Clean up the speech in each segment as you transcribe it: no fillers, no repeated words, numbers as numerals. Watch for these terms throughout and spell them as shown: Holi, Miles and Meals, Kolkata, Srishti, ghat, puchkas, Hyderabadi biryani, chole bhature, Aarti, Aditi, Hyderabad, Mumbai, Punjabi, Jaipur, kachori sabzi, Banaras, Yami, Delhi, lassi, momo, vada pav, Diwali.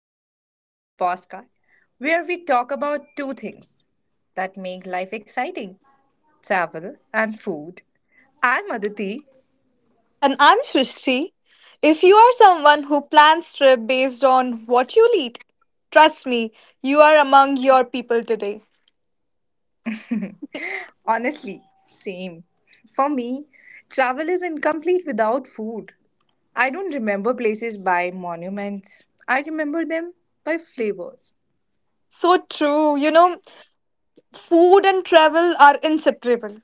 Meals, the postcard where we talk about two things that make life exciting, travel and food. I'm Aditi. And I'm Srishti. If you are someone who plans trip based on what you eat, trust me, you are among your people today. Honestly, same. For me, travel is incomplete without food. I don't remember places by monuments, I remember them by flavors. So true, you know, food and travel are inseparable.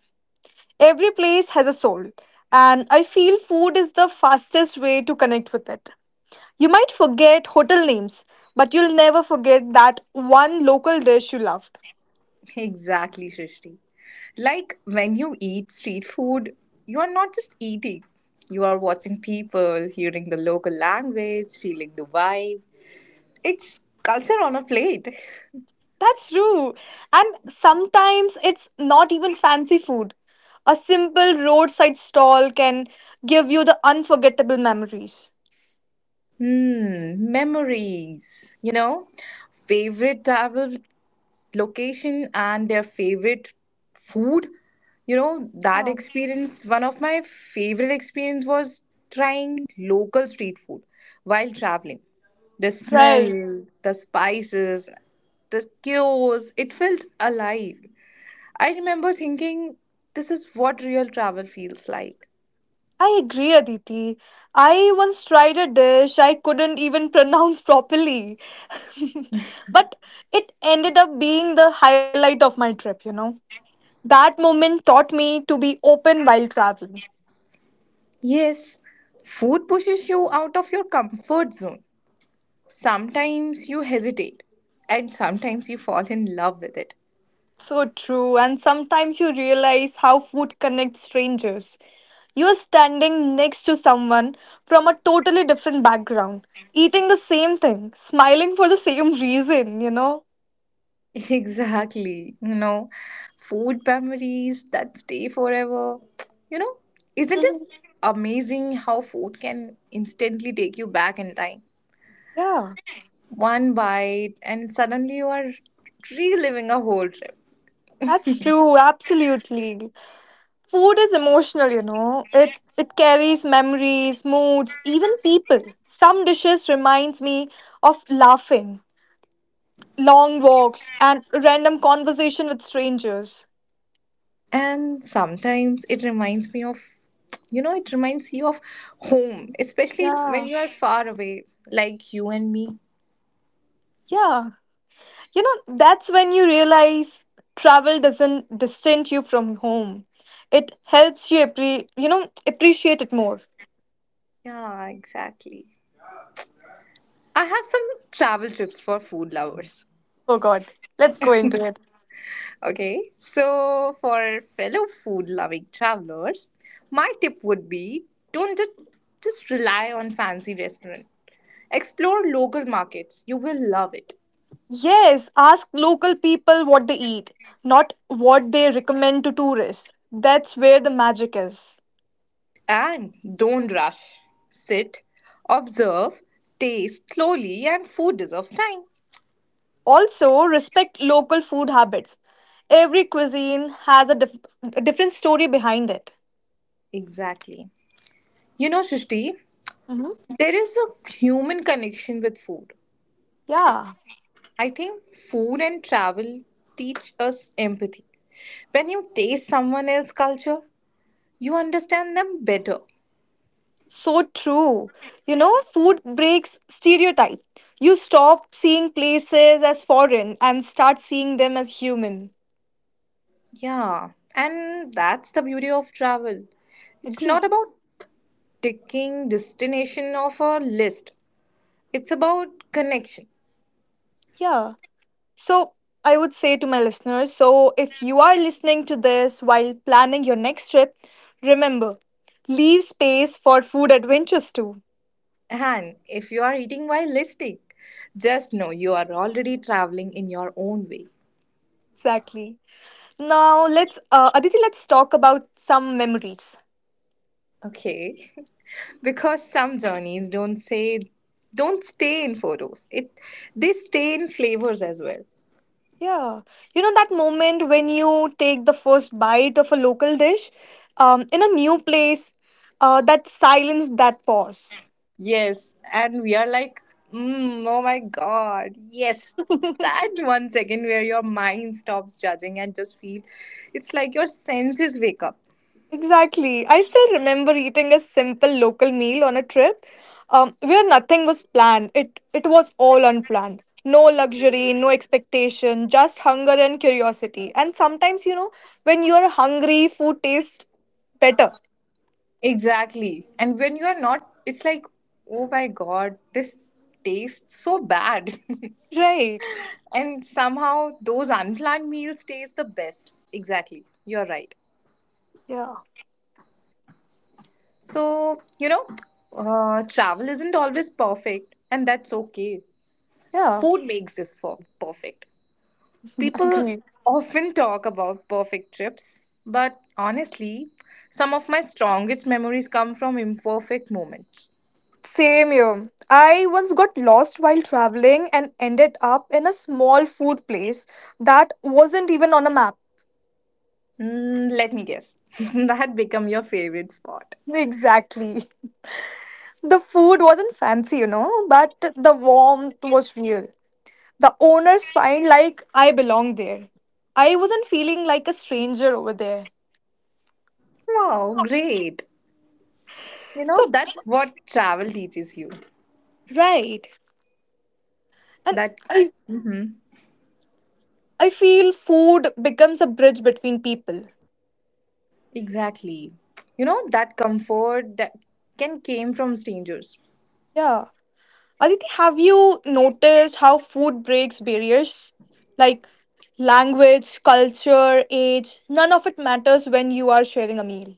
Every place has a soul, and I feel food is the fastest way to connect with it. You might forget hotel names, but you'll never forget that one local dish you loved. Exactly, Srishti. Like when you eat street food, you are not just eating, you are watching people, hearing the local language, feeling the vibe. It's culture on a plate. That's true. And sometimes it's not even fancy food. A simple roadside stall can give you the unforgettable memories. Hmm, memories. You know, favorite travel location and their favorite food. That Oh, experience, one of my favorite experience was trying local street food while traveling, the smell, right. the spices, the chaos, it felt alive. I remember thinking, this is what real travel feels like. I agree, Aditi. I once tried a dish I couldn't even pronounce properly. But it ended up being the highlight of my trip, you know. That moment taught me to be open while traveling. Yes, food pushes you out of your comfort zone. Sometimes you hesitate and sometimes you fall in love with it. So true, and sometimes you realize how food connects strangers. You're standing next to someone from a totally different background, eating the same thing, smiling for the same reason, you know? Exactly. Food memories that stay forever. You know, isn't Mhm. it amazing how food can instantly take you back in time? Yeah, One bite, and suddenly you are reliving a whole trip. that's true, absolutely. Food is emotional, you know. It carries memories, moods, even people. Some dishes reminds me of laughing, long walks, and random conversation with strangers. And sometimes it reminds me of, it reminds you of home, especially when Yeah. you are far away, like you and me. Yeah. You know, that's when you realize travel doesn't distance you from home. It helps you you know, appreciate it more. Yeah, exactly. I have some travel tips for food lovers. Oh god. Let's go into it. Okay, so for fellow food loving travelers, my tip would be don't just rely on fancy restaurant. Explore local markets. You will love it. Yes, ask local people what they eat, not what they recommend to tourists. That's where the magic is. And don't rush. Sit, observe, taste slowly and food deserves time. Also, respect local food habits. Every cuisine has a, a different story behind it. Exactly. Shushti, Mhm. there is a human connection with food. Yeah. I think food and travel teach us empathy. When you taste someone else's culture, you understand them better. So true. You know, food breaks stereotype. You stop seeing places as foreign and start seeing them as human. Yeah, and that's the beauty of travel. It's Agree. not about ticking destination of a list. It's about connection. Yeah. So, I would say to my listeners so, if you are listening to this while planning your next trip, remember leave space for food adventures too. And if you are eating while listing, just know you are already traveling in your own way. Exactly. Now, Aditi, let's talk about some memories. Okay. Because some journeys don't stay in photos. It they stay in flavors as well. Yeah. You know that moment when you take the first bite of a local dish in a new place, that silence, that pause. Yes, and we are like, mm, oh my god, yes, that 1 second where your mind stops judging and just feel, it's like your senses wake up. Exactly. I still remember eating a simple local meal on a trip where nothing was planned. It was all unplanned. No luxury, no expectation, just hunger and curiosity. And sometimes, you know, when you're hungry, food tastes better. Exactly. And when you are not, it's like, oh my god, this tastes so bad. Right. And somehow those unplanned meals taste the best. Exactly. You're right. Yeah. So, travel isn't always perfect, and that's okay. Yeah. Food makes this for perfect. People Agree. often talk about perfect trips, but honestly, some of my strongest memories come from imperfect moments. Same here. I once got lost while traveling and ended up in a small food place that wasn't even on a map. Mm, let me guess. That become your favorite spot. Exactly. The food wasn't fancy, you know, but the warmth was real. The owners find like I belong there. I wasn't feeling like a stranger over there. Wow, great. You know, So that's what travel teaches you. right. And That I hmm, I feel food becomes a bridge between people. exactly. That comfort that can came from strangers. Yeah. Aditi, have you noticed how food breaks barriers? Like language, culture, age, none of it matters when you are sharing a meal.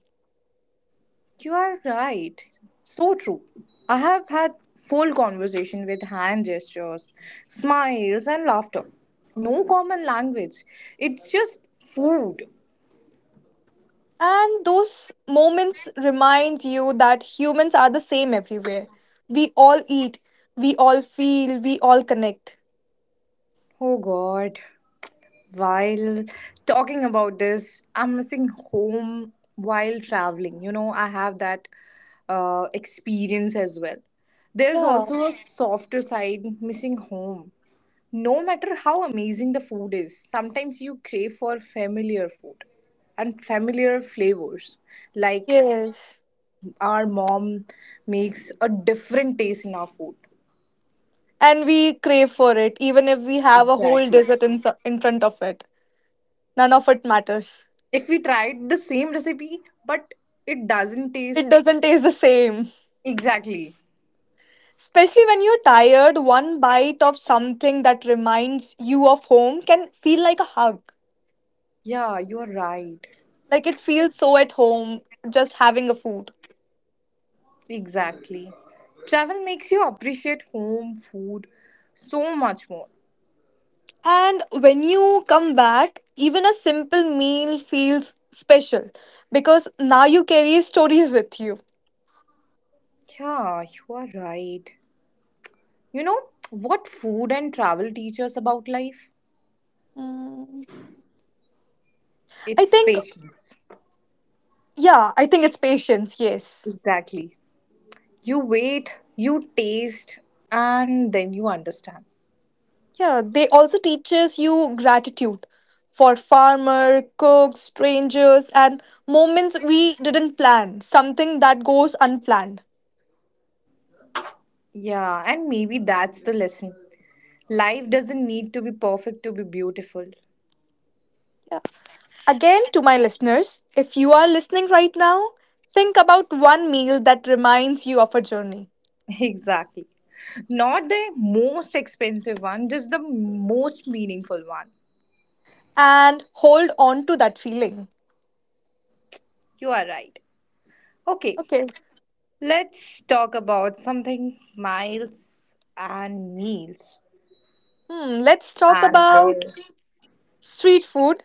You are right. So true. I have had full conversation with hand gestures, smiles and laughter. No common language. It's just food. And those moments remind you that humans are the same everywhere. We all eat, we all feel, we all connect. Oh god. While talking about this, I'm missing home while traveling. I have that experience as well. There's Yeah, also a softer side missing home. No matter how amazing the food is, sometimes you crave for familiar food and familiar flavors. Like yes. our mom makes a different taste in our food. And we crave for it, even if we have a whole Exactly. desert in front of it. None of it matters. If we tried the same recipe, but it doesn't taste. It doesn't taste the same. Exactly. Especially when you're tired, one bite of something that reminds you of home can feel like a hug. Yeah, you're right. Like it feels so at home just having a food. Exactly. Travel makes you appreciate home food so much more. And when you come back, even a simple meal feels special because now you carry stories with you. Yeah, you are right. You know what food and travel teach us about life? Mm. I It's think, patience. yeah, I think it's patience, yes. Exactly. You wait, you taste, and then you understand. Yeah, they also teaches you gratitude for farmer, cooks, strangers, and moments we didn't plan, something that goes unplanned. Yeah, and maybe that's the lesson. Life doesn't need to be perfect to be beautiful. Yeah. Again, to my listeners, if you are listening right now, think about one meal that reminds you of a journey Exactly. Not the most expensive one, just the most meaningful one. and hold on to that feeling. You are right. Okay, Okay. let's talk about something miles and meals Hmm, let's talk and about their. street food,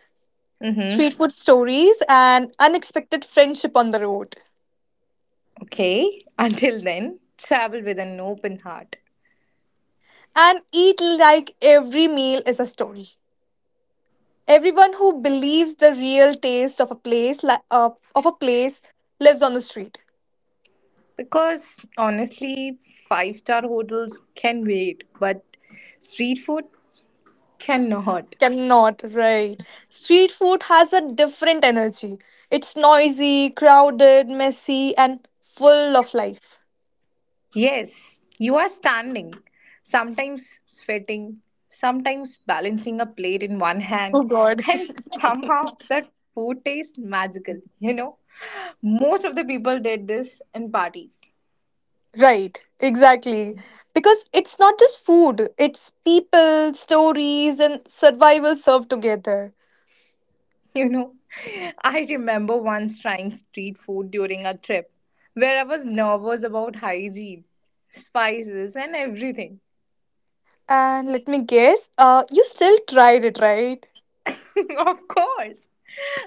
street Mm-hmm. food stories, and unexpected friendship on the road. Okay, until then, travel with an open heart. And eat like every meal is a story. Everyone who believes the real taste of a place of a place lives on the street. Because honestly, five-star hotels can wait, but street food cannot. Cannot, right? Street food has a different energy. It's noisy, crowded, messy, and full of life. Yes, you are standing, sometimes sweating, sometimes balancing a plate in one Oh hand, God. and somehow that food tastes magical. Most of the people did this in parties. Right, exactly. Because it's not just food, it's people, stories, and survival served together. you know. I remember once trying street food during a trip where I was nervous about hygiene, spices, and everything. And let me guess, you still tried it, right? Of course.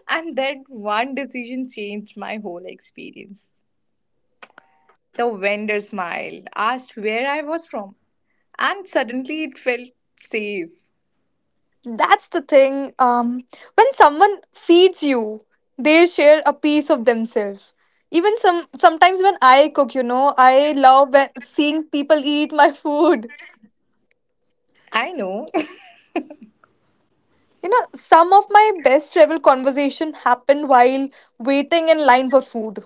And that one decision changed my whole experience. The vendor smiled, asked where I was from, and suddenly it felt safe. That's the thing. When someone feeds you, they share a piece of themselves. Even sometimes when I cook, you know, I love seeing people eat my food. I know. You know, some of my best travel conversation happened while waiting in line for food.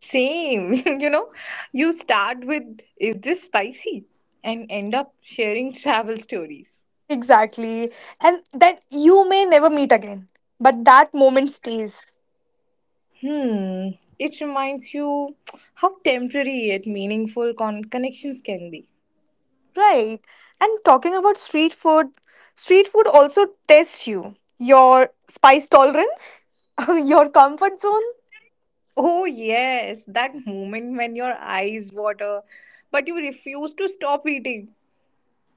Same. You know, you start with, is this spicy? And end up sharing travel stories. Exactly. And then you may never meet again, but that moment stays. Hmm. It reminds you how temporary yet meaningful connections can be. Right. And talking about street food also tests you, your spice tolerance, your comfort zone. Oh, yes, that moment when your eyes water, but you refuse to stop eating.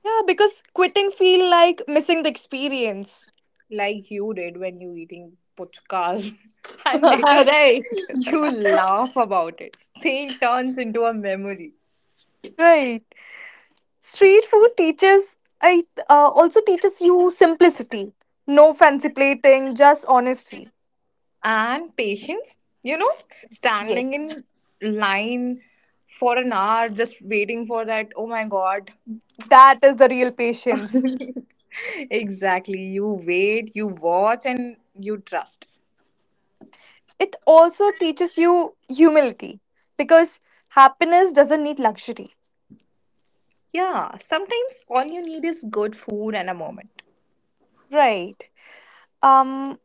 Yeah, because quitting feel like missing the experience. Like you did when you eating puchkas, and later Right. you laugh about it. Pain turns into a memory. Right. Street food teaches I also teaches you simplicity. No fancy plating, just honesty. And patience, you know, standing Yes. in line for an hour just waiting for that, oh my god. That is the real patience. Exactly. You wait, you watch and you trust. It also teaches you humility because happiness doesn't need luxury. Yeah, sometimes all you need is good food and a moment. Right. Um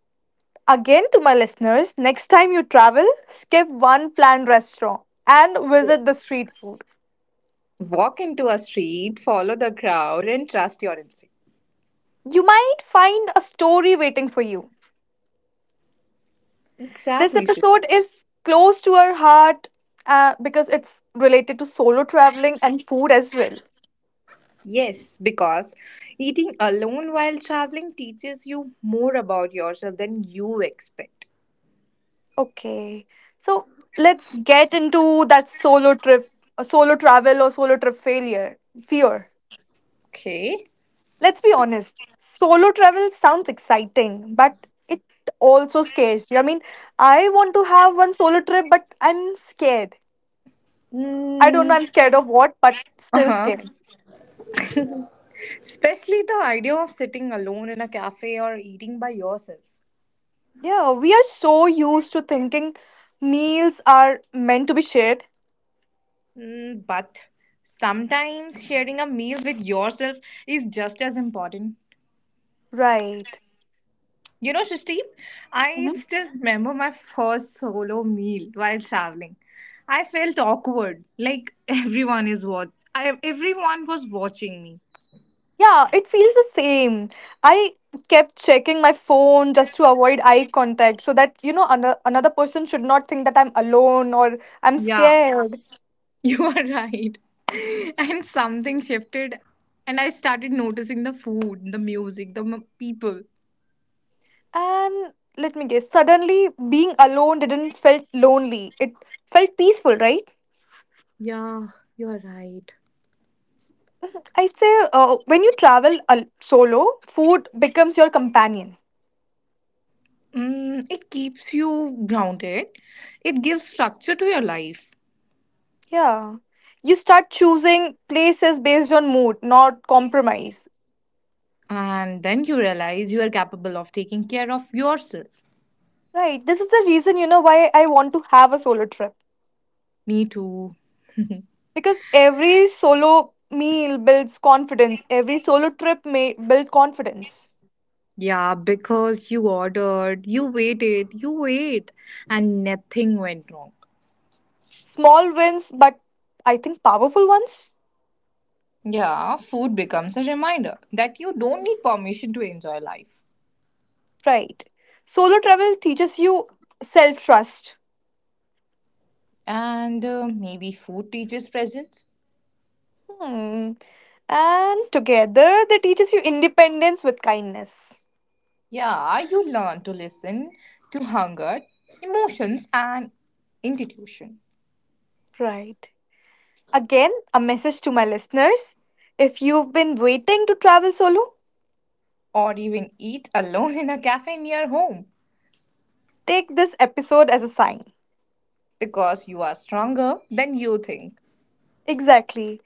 Again to my listeners, next time you travel, skip one planned restaurant and Yes. visit the street food. Walk into a street, follow the crowd and trust your instinct. You might find a story waiting for you. This Exactly, Shri. episode is close to our heart because it's related to solo traveling and food as well. Yes, because eating alone while traveling teaches you more about yourself than you expect. Okay. So, let's get into that solo travel or solo trip failure, fear. Okay. Let's be honest, solo travel sounds exciting, but it also scares you. I mean, I want to have one solo trip, but I'm scared. I don't know, Mm, I'm scared of what, but still uh-huh. scared. Especially the idea of sitting alone in a cafe or eating by yourself. Yeah, we are so used to thinking meals are meant to be shared. Mm, but sometimes sharing a meal with yourself is just as important. Right. Shristi, I Mhm. still remember my first solo meal while traveling. I felt awkward, like everyone was watching me. Yeah, it feels the same. I kept checking my phone just to avoid eye contact so that, you know, another person should not think that I'm alone or I'm Yeah, scared. you are right. And something shifted, and I started noticing the food, the music, the people. And let me guess, suddenly being alone didn't felt lonely. It felt peaceful, right? Yeah, you're right. I'd say when you travel solo, food becomes your companion. Mm, it keeps you grounded. It gives structure to your life. Yeah. You start choosing places based on mood, not compromise. And then you realize you are capable of taking care of yourself. Right. This is the reason, you know, why I want to have a solo trip. Me too. Because every solo meal builds confidence. Every solo trip may build confidence. Yeah, because you ordered, you waited, you wait, and nothing went wrong. Small wins, but I think powerful ones. Yeah, food becomes a reminder that you don't need permission to enjoy life. Right. Solo travel teaches you self trust. And maybe food teaches presence. Hmm. And together they teaches you independence with kindness. Yeah, you learn to listen to hunger, emotions, and intuition. Right. Again, a message to my listeners. If you've been waiting to travel solo, Or even eat alone in a cafe near home take this episode as a sign. because you are stronger than you think. Exactly.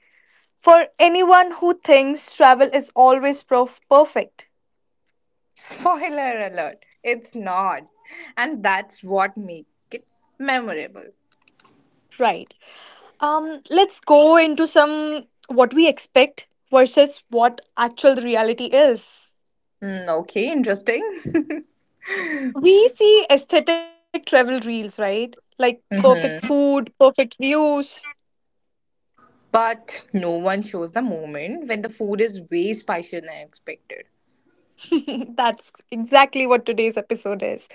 For anyone who thinks travel is always perfect. Spoiler alert, it's not. And that's what makes it memorable. Right. Let's go into some what we expect versus what actual reality is. Mm, okay, interesting. We see aesthetic travel reels, right? Like perfect food, perfect views. But no one shows the moment when the food is way spicier than expected. That's exactly what today's episode is.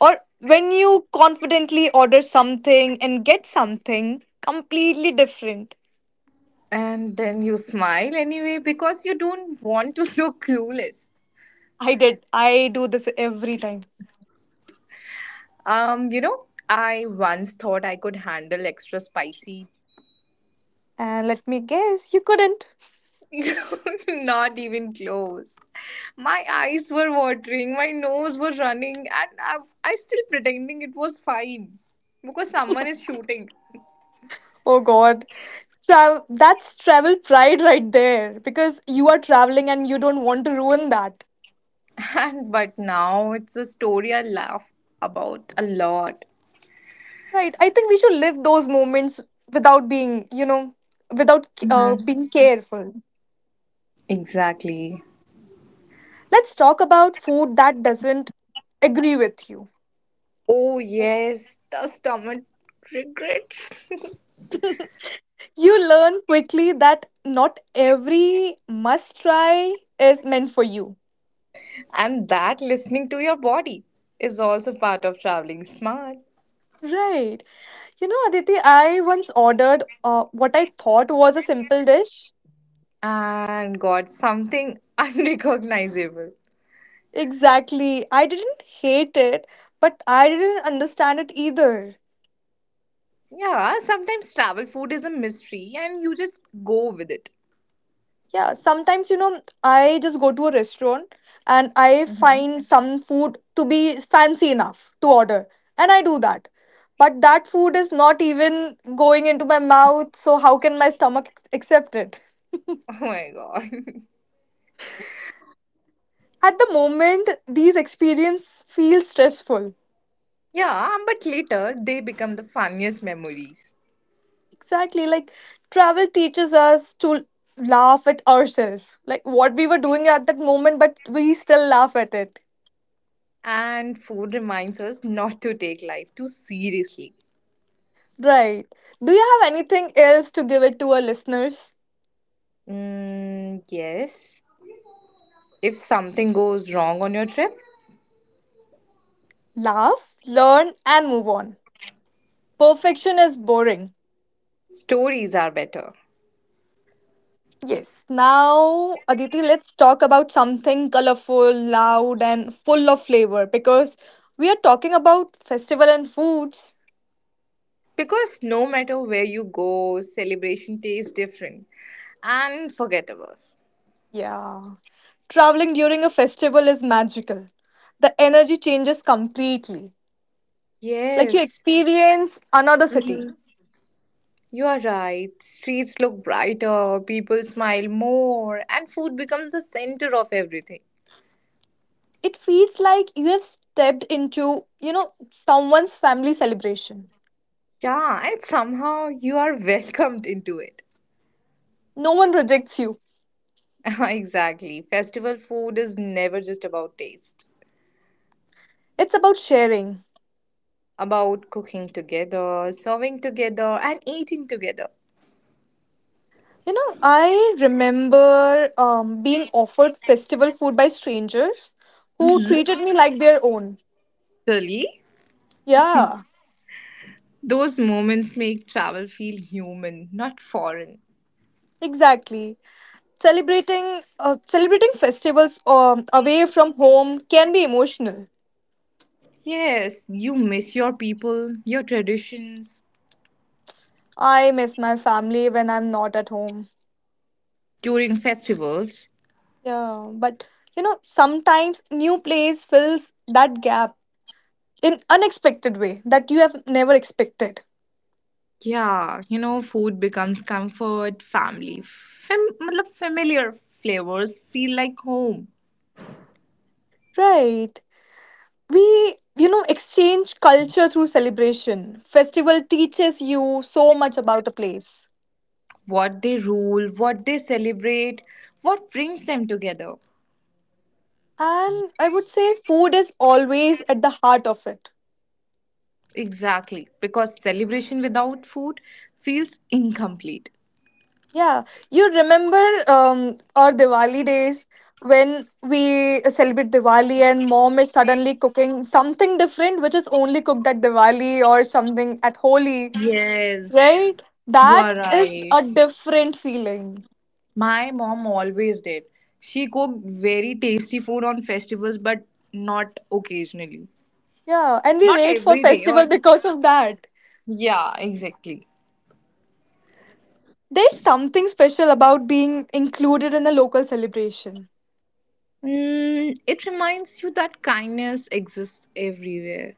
Or when you confidently order something and get something completely different. And then you smile anyway because you don't want to look clueless. I did. I do this every time. I once thought I could handle extra spicy. And let me guess, you couldn't. Not even close. My eyes were watering, my nose was running, and I still pretending it was fine because someone is shooting. Oh god. That's travel pride right there because you are traveling and you don't want to ruin that. And but now it's a story I laugh about a lot. Right. I think we should live those moments without being, you know, without being careful. Exactly. Let's talk about food that doesn't agree with you. Oh, yes, the stomach regrets. You learn quickly that not every must try is meant for you. And that listening to your body is also part of traveling smart, Right. You know, Aditi, I once ordered what I thought was a simple dish. and got something unrecognizable. Exactly. I didn't hate it, but I didn't understand it either. Yeah, sometimes travel food is a mystery and you just go with it. Yeah, sometimes, you know, I just go to a restaurant and I Hmm. find some food to be fancy enough to order. And I do that. But that food is not even going into my mouth, so how can my stomach accept it? Oh my god. At the moment, these experiences feel stressful. Yeah, but later they become the funniest memories. Exactly, like travel teaches us to laugh at ourselves, like what we were doing at that moment, but we still laugh at it. And food reminds us not to take life too seriously. Right. Do you have anything else to give it to our listeners? Mm, yes. If something goes wrong on your trip, Laugh, learn, and move on. Perfection is boring. stories are better. Yes. Now, Aditi, let's talk about something colorful, loud, and full of flavor because we are talking about festival and foods. Because no matter where you go, celebration tastes different and forgettable. Yeah. Traveling during a festival is magical. The energy changes completely. Like you Yes. experience another city. Mhm. You are right. Streets look brighter, people smile more, and food becomes the center of everything. It feels like you have stepped into, you know, someone's family celebration. Yeah, and somehow you are welcomed into it. No one rejects you. Exactly. Festival food is never just about taste, It's about sharing. about cooking together, serving together, and eating together. You know, I remember being offered festival food by strangers who Mm-hmm. treated me like their own. Really? Yeah, Those moments make travel feel human, not foreign. exactly. Celebrating festivals away from home can be emotional. Yes, you miss your people, your traditions. I miss my family when I'm not at home. During festivals. Yeah, but you know, sometimes new place fills that gap in unexpected way that you have never expected. Yeah, food becomes comfort, family. Matlab familiar flavors feel like home. Right. We, you know, exchange culture through celebration festival teaches you so much about a place, What they rule, what they celebrate, what brings them together. and I would say food is always at the heart of it. Exactly, because celebration without food feels incomplete. Yeah, you remember our Diwali days, when we celebrate Diwali and mom is suddenly cooking something different which is only cooked at Diwali or something at Holi. Yes, Right, you that are is right. a different feeling. My mom always did. She cooked very tasty food on festivals, but not occasionally. Yeah, and we Not wait for every day, or. festival because of that. Yeah, exactly. There's something special about being included in a local celebration. Mm, it reminds you that kindness exists everywhere.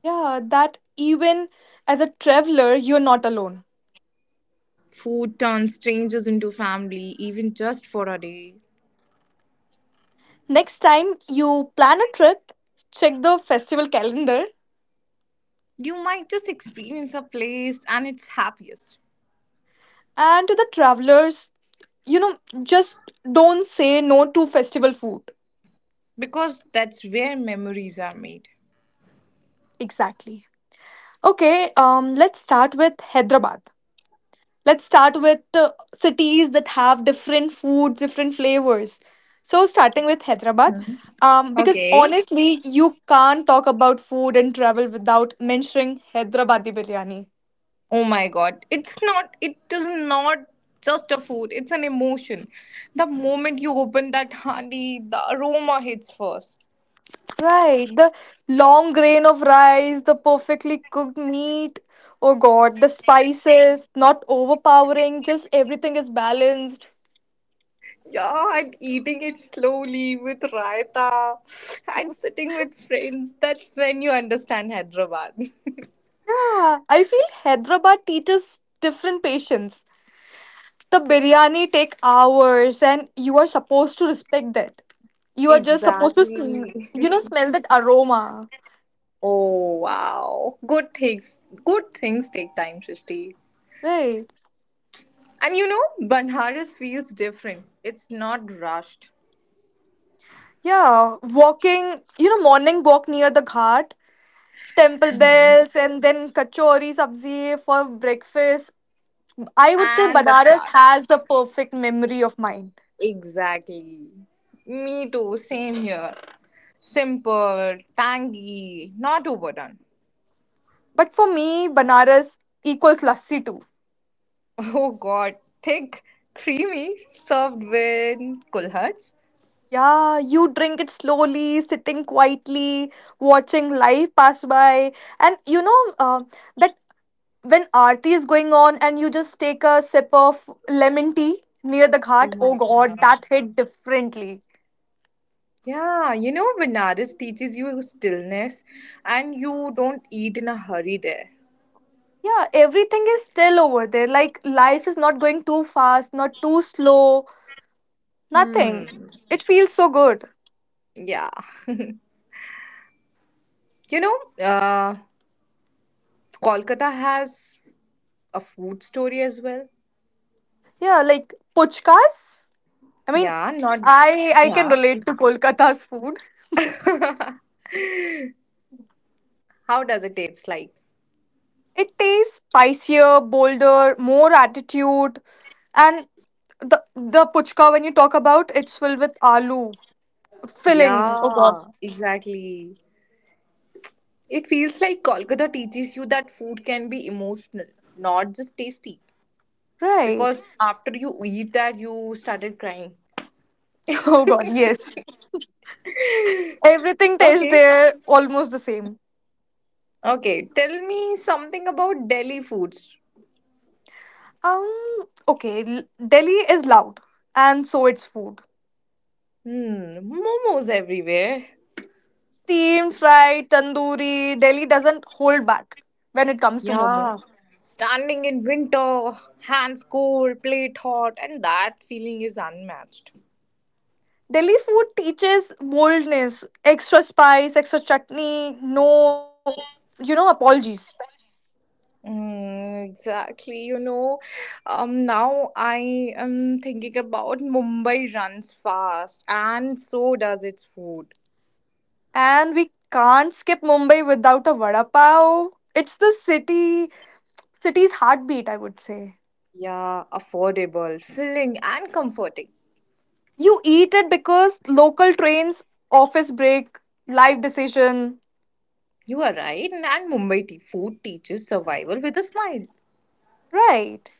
Yeah, that even as a traveler, you're not alone. Food turns strangers into family, even just for a day. Next time you plan a trip, check the festival calendar. You might just experience a place and its happiest And to the travelers, just don't say no to festival food. because that's where memories are made. Exactly. Okay, let's start with Hyderabad. Let's start with cities that have different foods, different flavors. So, starting with Hyderabad, because Okay. honestly, you can't talk about food and travel without mentioning Hyderabadi biryani. Oh my god. It's not, it is not just a food, it's an emotion. The moment you open that honey, the aroma hits first. Right, the long grain of rice, the perfectly cooked meat. Oh God, the spices, not overpowering, just everything is balanced. Yeah, and eating it slowly with raita and sitting with friends. That's when you understand Hyderabad. Yeah, I feel Hyderabad teaches different patience. The biryani take hours and you are supposed to respect that. You are just supposed to Exactly. you know smell that aroma. Oh wow. Good things. Good things take time, Shristi. Right. And Banaras feels different. It's not rushed. Yeah, walking, you know, morning walk near the ghat, temple bells, and then kachori sabzi for breakfast. I would say And the Banaras chart. has the perfect memory of mine. Exactly. Me too, same here. Simple, tangy, not overdone. But for me, Banaras equals lassi too. Oh god, thick, creamy, served with kulharts. Yeah, you drink it slowly, sitting quietly, watching life pass by. And you know that when Aarti is going on and you just take a sip of lemon tea near the Oh ghat, my oh God. god, that hit differently. Yeah, Benares teaches you stillness and you don't eat in a hurry there. Yeah, everything is still over there. Like life is not going too fast, not too slow, Hmm, nothing. It feels so good. yeah. You know, uh, Kolkata has a food story as well. Yeah, like puchkas. I mean, Yeah, not. I can Yeah. relate to Kolkata's food. How does it taste like? It tastes spicier, bolder, more attitude, and the the puchka when you talk about it's filled with aloo filling. Oh god. Yeah, exactly. It feels like Kolkata teaches you that food can be emotional, not just tasty. Right. Because after you eat that you started crying. Oh god, yes. Everything tastes Okay. there almost the same. Okay, tell me something about Delhi foods. Um okay, Delhi is loud and so it's food. Hmm, momos everywhere. Steamed, fried, tandoori, Delhi doesn't hold back when it comes to momo. Yeah. Standing in winter, hands cold, plate hot, and that feeling is unmatched. Delhi food teaches boldness, extra spice, extra chutney, no, apologies. Mm, exactly. Now I am thinking about Mumbai runs fast, and so does its food. And we can't skip Mumbai without a vada pav. It's the city's heartbeat, I would say. Yeah, affordable, filling, and comforting. You eat it because local trains, office break, life decision. You are right, and Mumbai tea food teaches survival with a smile. Right.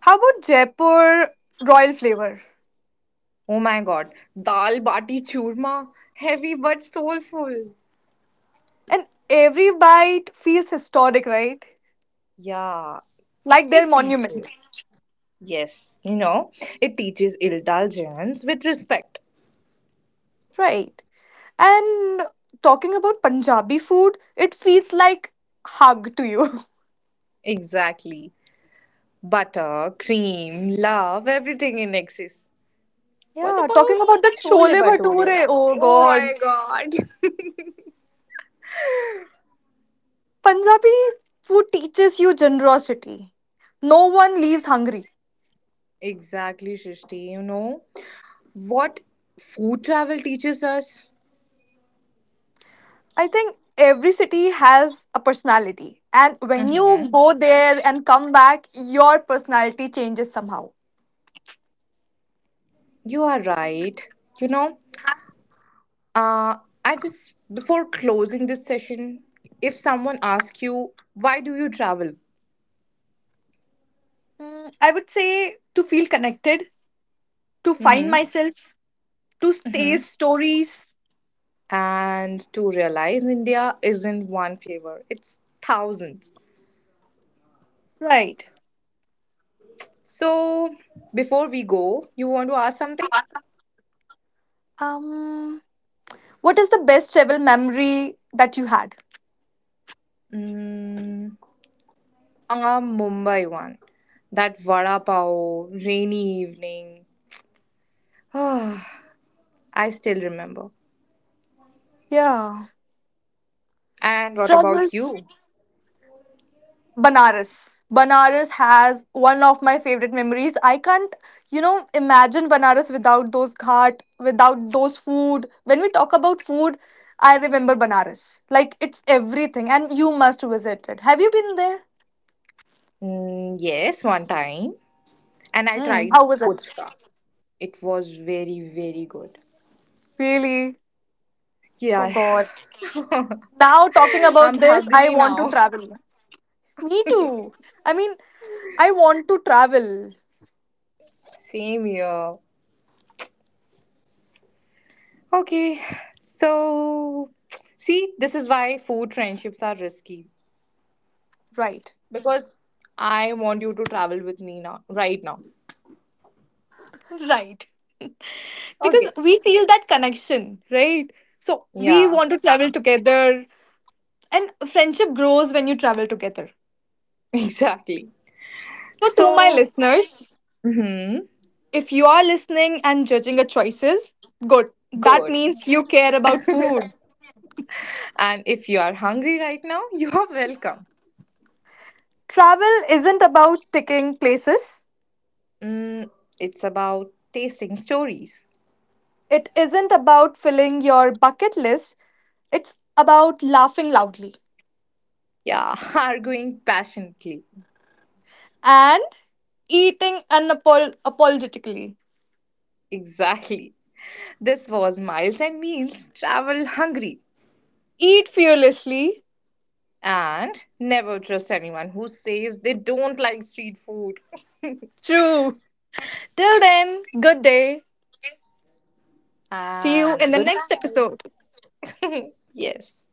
How about Jaipur royal flavor? Oh my god, dal bati churma, heavy but soulful. And every bite feels historic, right? Yeah, Like they're it monuments. teaches. Yes, it teaches indulgence with respect. Right. And talking about Punjabi food, it feels like hug to you. Exactly. Butter, cream, love, everything in excess. What Yeah, about talking about the chole chole bhature? bhature. Oh Oh god. my god. Punjabi food teaches you generosity. No one leaves hungry. Exactly, Shrishti. You know what food travel teaches us? I think every city has a personality, and when you go there and come back, your personality changes somehow. You are right. You know, Uh, I just, before closing this session, if someone asks you, why do you travel? Mm, I would say to feel connected, to find Mm-hmm. myself, to Mm-hmm. taste stories. And to realize India isn't one flavor, it's thousands. Right. So, before we go, you want to ask something? Um, what is the best travel memory that you had? Mm, a Mumbai one. That vada pav, rainy evening. I still remember. Yeah, And what about travels. you? Banaras. Banaras has one of my favorite memories. I can't, you know, imagine Banaras without those ghat, without those food. When we talk about food, I remember Banaras. Like it's everything, and you must visit it. Have you been there? Mm, yes, one time. And I Hmm. tried How was it? puchka. It was very, very good. Really? Oh Yeah, God. Now talking I'm about this, I hungry want to now. travel. Me too. I mean, I want to travel. Same here. Okay, so see, this is why food friendships are risky Right. because I want you to travel with me now, right now. Right. Because Okay. we feel that connection, right? So we Yeah, want to travel together, and friendship grows when you travel together. exactly. So, to my So, listeners, mhm, if you are listening and judging our choices, good. That good. means you care about food. And if you are hungry right now, you are welcome. Travel isn't about ticking places, Mm, it's about tasting stories. it isn't about filling your bucket list, it's about laughing loudly Yeah, arguing passionately. and eating unapologetically. Exactly. This was Miles and Meals Travel Hungry. Eat fearlessly. And never trust anyone who says they don't like street food. True. Till then, good day. See you And in the good next night. episode. Yes.